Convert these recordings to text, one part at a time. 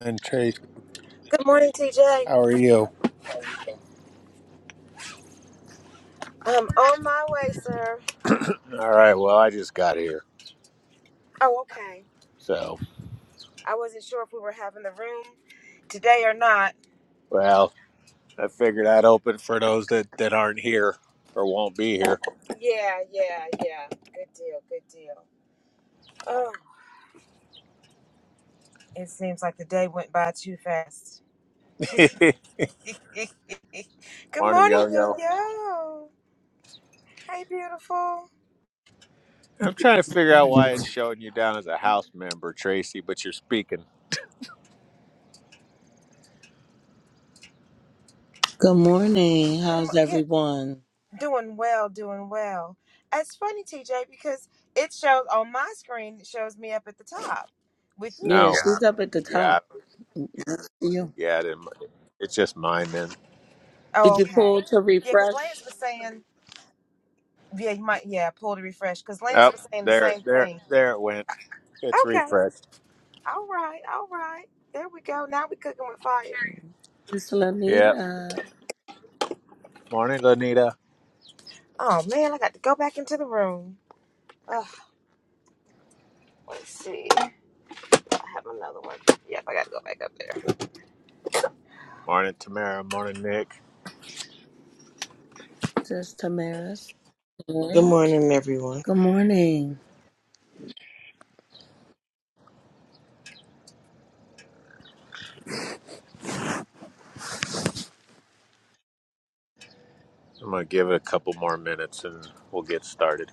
And Tracy, Good morning, TJ. how are you? I'm on my way, sir. All right. Well, I just got here, Oh, okay. so I wasn't sure if we were having the room today or not. well, I figured I'd open for those that that aren't here or won't be here. Yeah, yeah, yeah. Good deal, good deal. Oh, it seems like the day went by too fast. good Morning, morning, Yo yo Yo. yo. Hey, beautiful. I'm trying to figure out why it's showing you down as a house member, Tracy, but you're speaking. Good morning. Good How's mo- yeah, everyone? doing well, doing well. It's funny, TJ, because it shows on my screen. It shows me up at the top with you. Yeah, Oh, she's up at the top. yeah, You yeah. It didn't, it's just mine then. did Oh, you pull okay. to Yeah, because refresh? Lance was saying. Yeah, you might. Yeah, pull the refresh because Lance Up was saying the there, same there, thing. there it went. It's Okay. refreshed. All right. All right. There we go. Now we cooking with fire. Miss Yep. Lanita, Morning, Lanita. Oh man, I got to go back into the room. Ugh, let's see. I have another one. Yep, I got to go back up there. Morning, Tamara. Morning, Nick. Sis Tamara's Good work. morning, everyone. Good morning. I'm gonna give it a couple more minutes and we'll get started.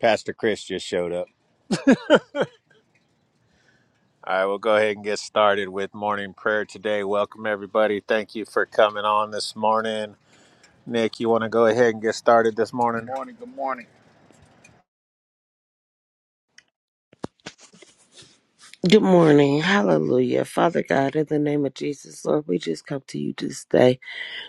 Pastor Chris just showed up. All right, we'll go ahead and get started with morning prayer today. Welcome, everybody. Thank you for coming on this morning. Nick, you want to go ahead and get started this morning? Good Good morning. Hallelujah. Father God, in the name of Jesus, Lord, we just come to you this day.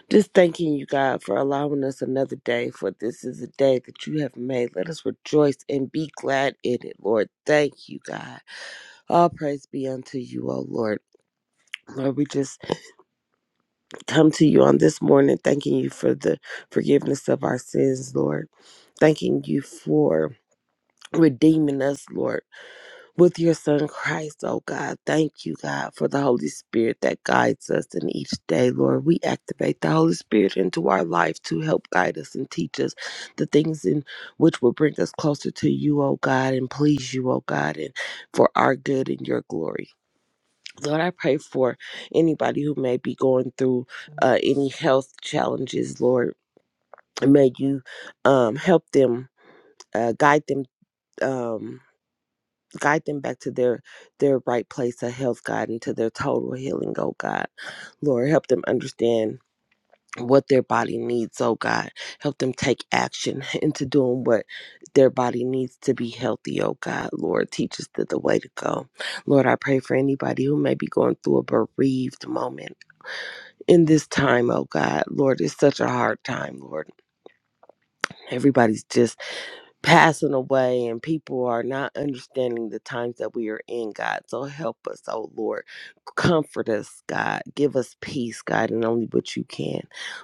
Just thanking you, God, for allowing us another day, for this is a day that you have made. Let us rejoice and be glad in it, Lord. Thank you, God. All praise be unto you, O Lord. Lord, we just come to you on this morning, thanking you for the forgiveness of our sins, Lord. Thanking you for redeeming us, Lord. with your son Christ, oh God. Thank you, God, for the Holy Spirit that guides us in each day, Lord. We activate the Holy Spirit into our life to help guide us and teach us the things in which will bring us closer to you, oh God, and please you, oh God, and for our good and your glory. Lord, I pray for anybody who may be going through uh, any health challenges, Lord. May you um, help them, uh, guide them. Um, guide them back to their their right place of health god into their total healing oh god lord help them understand what their body needs oh god help them take action into doing what their body needs to be healthy oh god lord teach us the, the way to go lord i pray for anybody who may be going through a bereaved moment in this time oh god lord it's such a hard time lord everybody's just passing away and people are not understanding the times that we are in, God. So help us, oh Lord. Comfort us, God. Give us peace, God, and only what you can.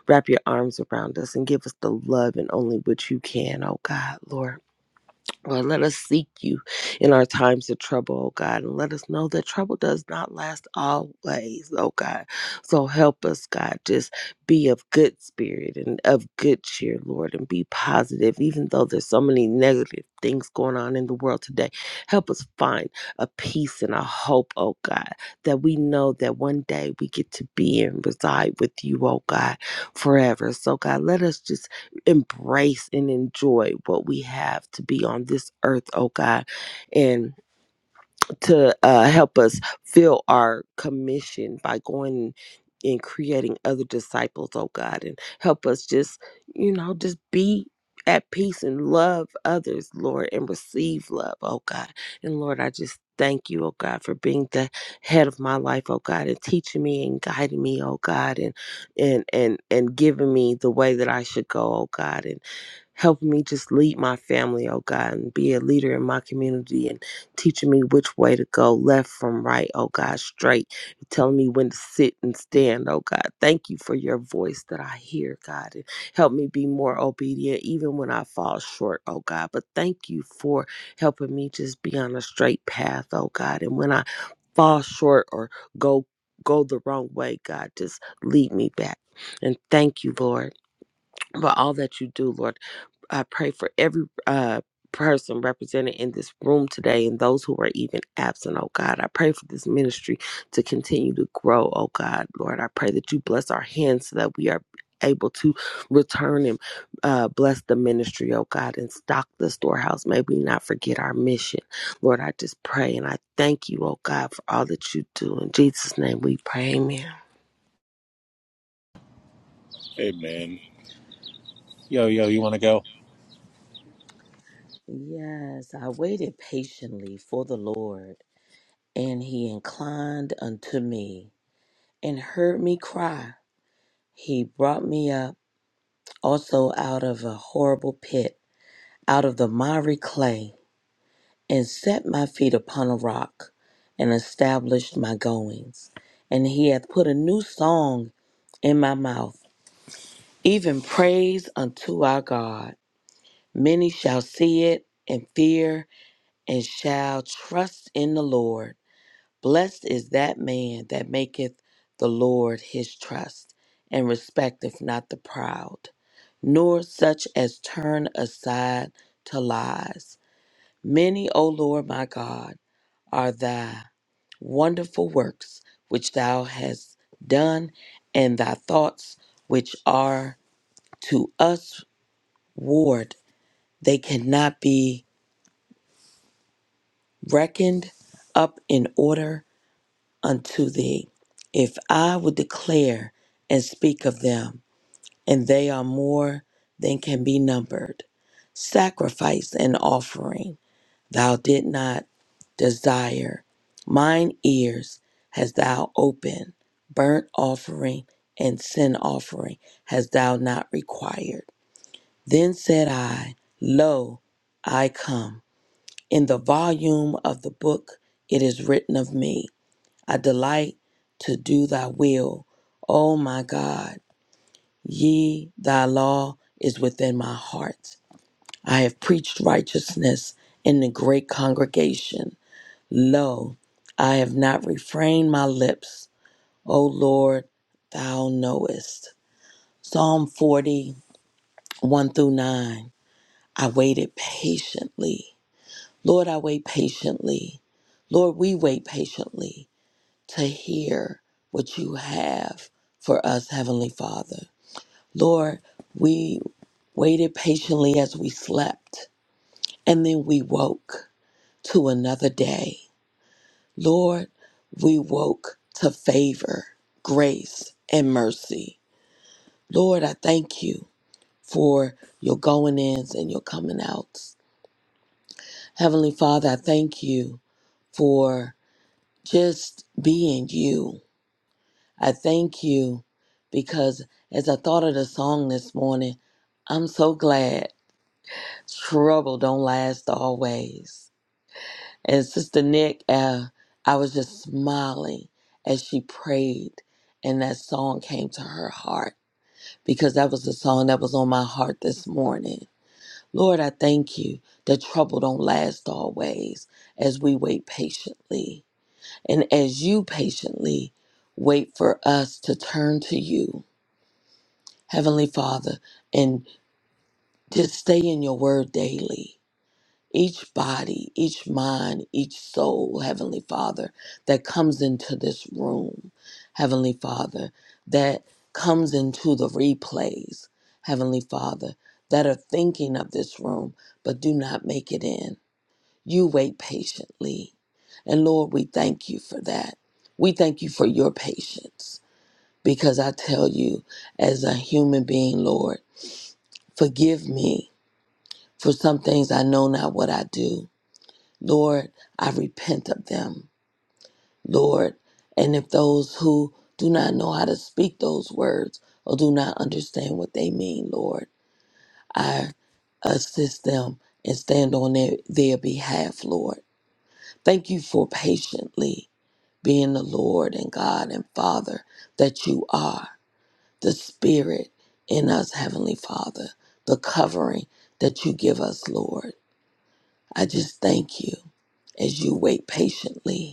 Wrap your arms around us and give us the love and only what you can, oh God, Lord. Lord, let us seek you in our times of trouble, oh God, and let us know that trouble does not last always, oh God. So help us, God, just be of good spirit and of good cheer, Lord, and be positive, even though there's so many negative things going on in the world today. Help us find a peace and a hope, oh God, that we know that one day we get to be and reside with you, oh God, forever. So, God, let us just embrace and enjoy what we have to be on this earth, oh God. And to uh, help us fill our commission by going and creating other disciples, oh God, and help us just, you know, just be at peace and love others, Lord, and receive love, oh God. And Lord, I just thank you, oh God, for being the head of my life, oh God, and teaching me and guiding me, oh God, and and and and giving me the way that I should go, oh God, and helping me just lead my family, oh God, and be a leader in my community and teaching me which way to go, left from right, oh God, straight. You're telling me when to sit and stand, oh God. Thank you for your voice that I hear, God. And help me be more obedient even when I fall short, oh God. But thank you for helping me just be on a straight path, oh God. And when I fall short or go go the wrong way, God, just lead me back. And thank you, Lord, for all that you do, Lord. I pray for every uh, person represented in this room today and those who are even absent, oh God. I pray for this ministry to continue to grow, oh God. Lord, I pray that you bless our hands so that we are able to return and uh, bless the ministry, oh God, and stock the storehouse. May we not forget our mission. Lord, I just pray and I thank you, oh God, for all that you do. In Jesus' name we pray, amen. Amen. Yo, yo, you want to go? Yes, I waited patiently for the Lord, and he inclined unto me and heard me cry. He brought me up also out of a horrible pit, out of the miry clay and set my feet upon a rock and established my goings. And he hath put a new song in my mouth, even praise unto our God. Many shall see it and fear and shall trust in the Lord. Blessed is that man that maketh the Lord his trust and respecteth not the proud, nor such as turn aside to lies. Many, O Lord my God, are thy wonderful works which thou hast done, and thy thoughts which are to us ward. They cannot be reckoned up in order unto thee. If I would declare and speak of them, and they are more than can be numbered, sacrifice and offering. thou did not desire. Mine ears hast thou opened, burnt offering and sin offering hast thou not required. Then said I, Lo, I come. In the volume of the book it is written of me, I delight to do thy will, O my God. Ye, thy law is within my heart. I have preached righteousness in the great congregation. Lo, I have not refrained my lips. O Lord, thou knowest. Psalm forty, one through 9. I waited patiently. Lord, I wait patiently. Lord, we wait patiently to hear what you have for us, Heavenly Father. Lord, we waited patiently as we slept, and then we woke to another day. Lord, we woke to favor, grace, and mercy. Lord, I thank you for your going ins and your coming outs. Heavenly Father, I thank you for just being you. I thank you because as I thought of the song this morning, I'm so glad trouble don't last always. And Sister Nick, uh, I was just smiling as she prayed, and that song came to her heart because that was the song that was on my heart this morning. Lord, I thank you that trouble don't last always as we wait patiently. And as you patiently wait for us to turn to you, Heavenly Father, and just stay in your word daily each body, each mind, each soul, Heavenly Father, that comes into this room, Heavenly Father, that comes into the replays, Heavenly Father, that are thinking of this room but do not make it in. You wait patiently. And Lord, we thank you for that. We thank you for your patience because I tell you, as a human being, Lord, forgive me for some things I know not what I do Lord, I repent of them, Lord. And if those who do not know how to speak those words or do not understand what they mean, Lord, I assist them and stand on their, their behalf, Lord. Thank you for patiently being the Lord and God and Father that you are, the Spirit in us, Heavenly Father, the covering that you give us, Lord. I just thank you as you wait patiently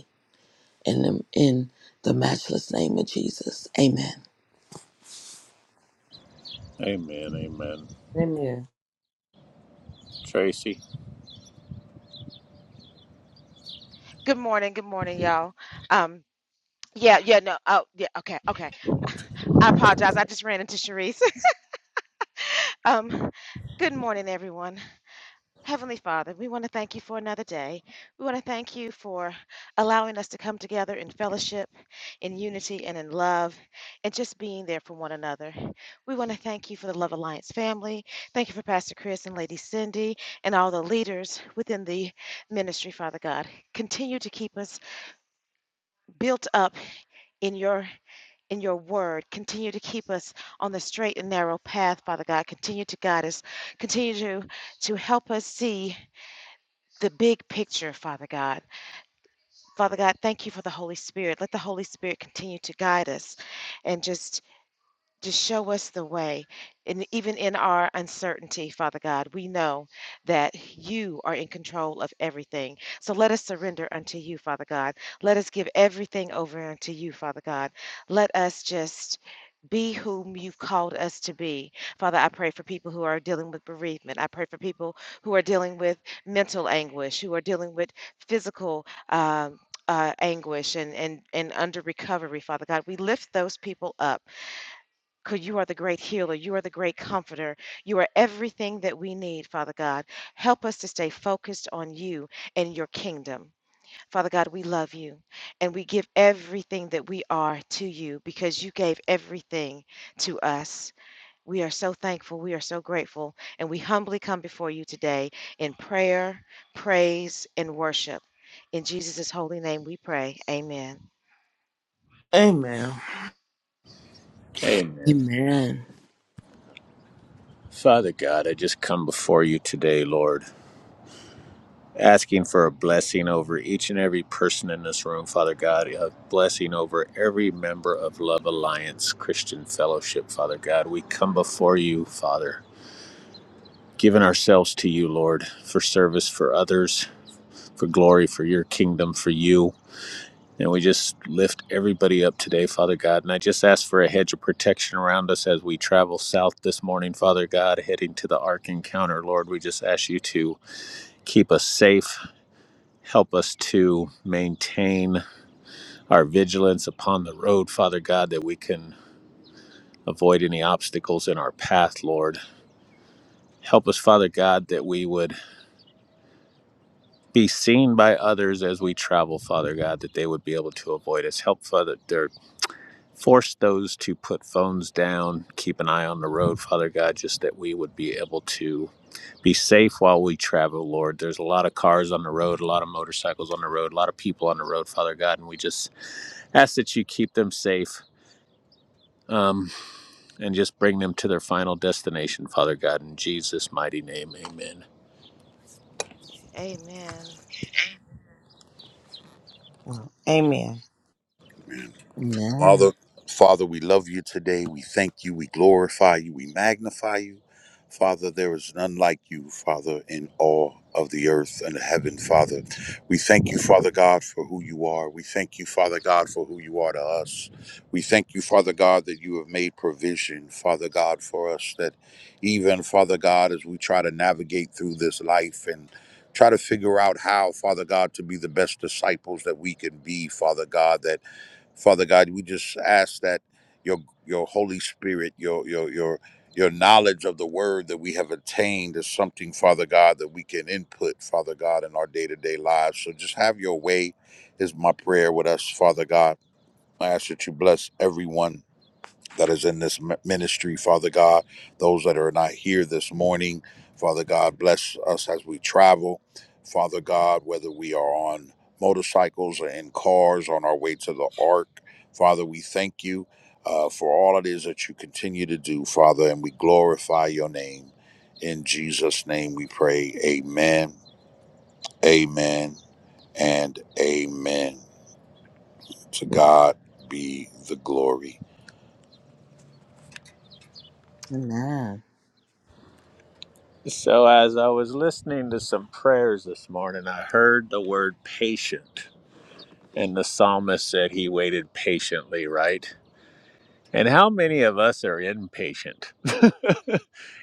in the, in the matchless name of Jesus. Amen. Amen, amen. Amen. Tracy? Good morning. Good morning, y'all. Um, yeah, yeah, no, oh, yeah, okay, okay. I apologize. I just ran into Sharice. Um, good morning, everyone. Heavenly Father, we want to thank you for another day. We want to thank you for allowing us to come together in fellowship, in unity, and in love, and just being there for one another. We want to thank you for the Love Alliance family. Thank you for Pastor Chris and Lady Cindy and all the leaders within the ministry, Father God. Continue to keep us built up in your in your word, continue to keep us on the straight and narrow path, Father God. Continue to guide us. Continue to, to help us see the big picture, Father God. Father God, thank you for the Holy Spirit. Let the Holy Spirit continue to guide us and just just show us the way. And even in our uncertainty, Father God, we know that you are in control of everything. So let us surrender unto you, Father God. Let us give everything over unto you, Father God. Let us just be whom you've called us to be. Father, I pray for people who are dealing with bereavement. I pray for people who are dealing with mental anguish, who are dealing with physical um, uh, anguish and, and, and under recovery, Father God. We lift those people up. Because you are the great healer. You are the great comforter. You are everything that we need, Father God. Help us to stay focused on you and your kingdom. Father God, we love you and we give everything that we are to you because you gave everything to us. We are so thankful. We are so grateful. And we humbly come before you today in prayer, praise, and worship. In Jesus' holy name we pray. Amen. Amen. Amen. Amen. Father God, I just come before you today, Lord. asking for a blessing over each and every person in this room, Father God, a blessing over every member of Love Alliance Christian Fellowship, Father God. We come before you, Father, giving ourselves to you, Lord, for service for others, for glory, for your kingdom, for you. And we just lift everybody up today, Father God. And I just ask for a hedge of protection around us as we travel south this morning, Father God, heading to the Ark Encounter. Lord, we just ask you to keep us safe, Help us to maintain our vigilance upon the road, Father God, that we can avoid any obstacles in our path, Lord. Help us, Father God, that we would be seen by others as we travel, Father God, that they would be able to avoid us. Help, Father, there, force those to put phones down, keep an eye on the road, Father God, just that we would be able to Be safe while we travel, Lord. There's a lot of cars on the road, a lot of motorcycles on the road, a lot of people on the road, Father God, and we just ask that you keep them safe um, and just bring them to their final destination, Father God. In Jesus' mighty name, amen. Amen. Well, Amen. Amen. Amen. Father, Father, we love you today. We thank you. We glorify you. We magnify you. Father, there is none like you, Father, in all of the earth and the heaven, Father. We thank you, Father God, for who you are. We thank you, Father God, for who you are to us. We thank you, Father God, that you have made provision, Father God, for us. That even, Father God, as we try to navigate through this life and try to figure out how, Father God, to be the best disciples that we can be, Father God, that Father God, we just ask that your your Holy Spirit, your your your your knowledge of the word that we have attained is something, Father God, that we can input, Father God, in our day-to-day lives. So just have your way is my prayer with us, Father God. I ask that you bless everyone that is in this mi- ministry, Father God. Those that are not here this morning, Father God, bless us as we travel, Father God, whether we are on motorcycles or in cars on our way to the ark. Father, we thank you uh, for all it is that you continue to do, Father, and we glorify your name. In Jesus' name we pray. Amen, amen, and amen. To God be the glory. Amen. So, as I was listening to some prayers this morning, I heard the word patient. And the psalmist said he waited patiently, right? And how many of us are impatient?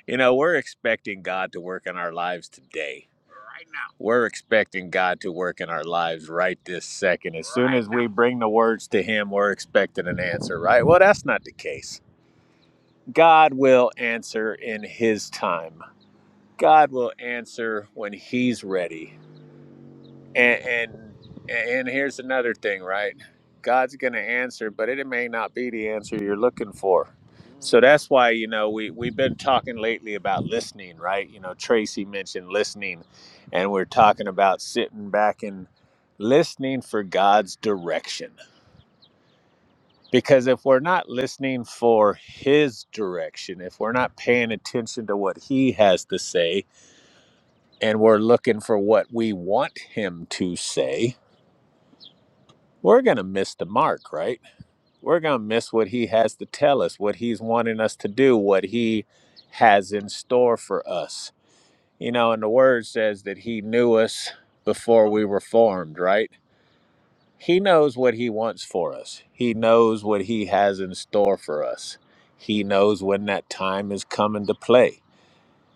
you know, we're expecting God to work in our lives today. We're expecting God to work in our lives right this second. As soon as we bring the words to Him, we're expecting an answer, right? Well, that's not the case. God will answer in His time. God will answer when He's ready. And and and here's another thing, right? God's going to answer, but it may not be the answer you're looking for. So that's why, you know, we we've been talking lately about listening, right? You know, Tracy mentioned listening and we're talking about sitting back and listening for God's direction. Because if we're not listening for his direction, if we're not paying attention to what he has to say and we're looking for what we want him to say, we're going to miss the mark, right? We're going to miss what he has to tell us, what he's wanting us to do, what he has in store for us. You know, and the word says that he knew us before we were formed, right? He knows what he wants for us, he knows what he has in store for us. He knows when that time is coming to play.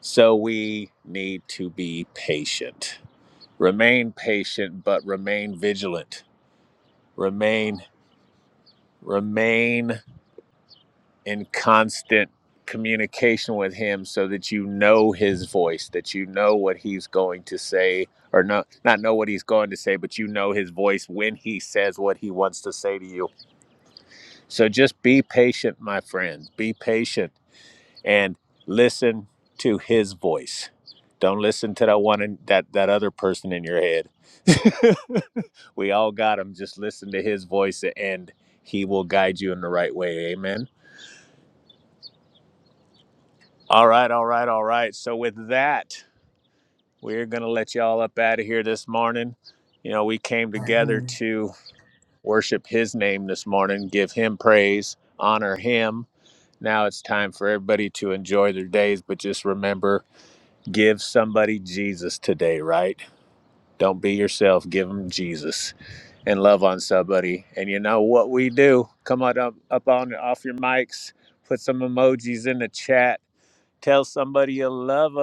So we need to be patient. Remain patient, but remain vigilant. Remain, remain in constant communication with him so that you know his voice that you know what he's going to say or no, not know what he's going to say but you know his voice when he says what he wants to say to you so just be patient my friends be patient and listen to his voice don't listen to that one in, that that other person in your head we all got him just listen to his voice and he will guide you in the right way amen All right, all right, all right. So with that, we're gonna let y'all up out of here this morning. You know, we came together Amen. to worship His name this morning, give Him praise, honor Him. Now it's time for everybody to enjoy their days, but just remember, give somebody Jesus today, right? Don't be yourself. Give them Jesus and love on somebody. And you know what we do? Come on up, up on off your mics. Put some emojis in the chat. Tell somebody you love them.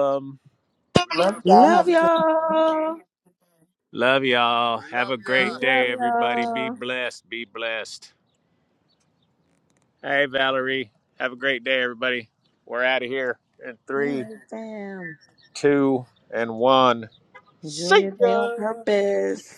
Love y'all. Love Have a good y'all. Love y'all. Have a great y'all. Love day, everybody. Be y'all. blessed. Be blessed. Hey, Valerie. Have a great day, everybody. We're out of here in three, Amen, fam. two, and one. Enjoy your day on purpose.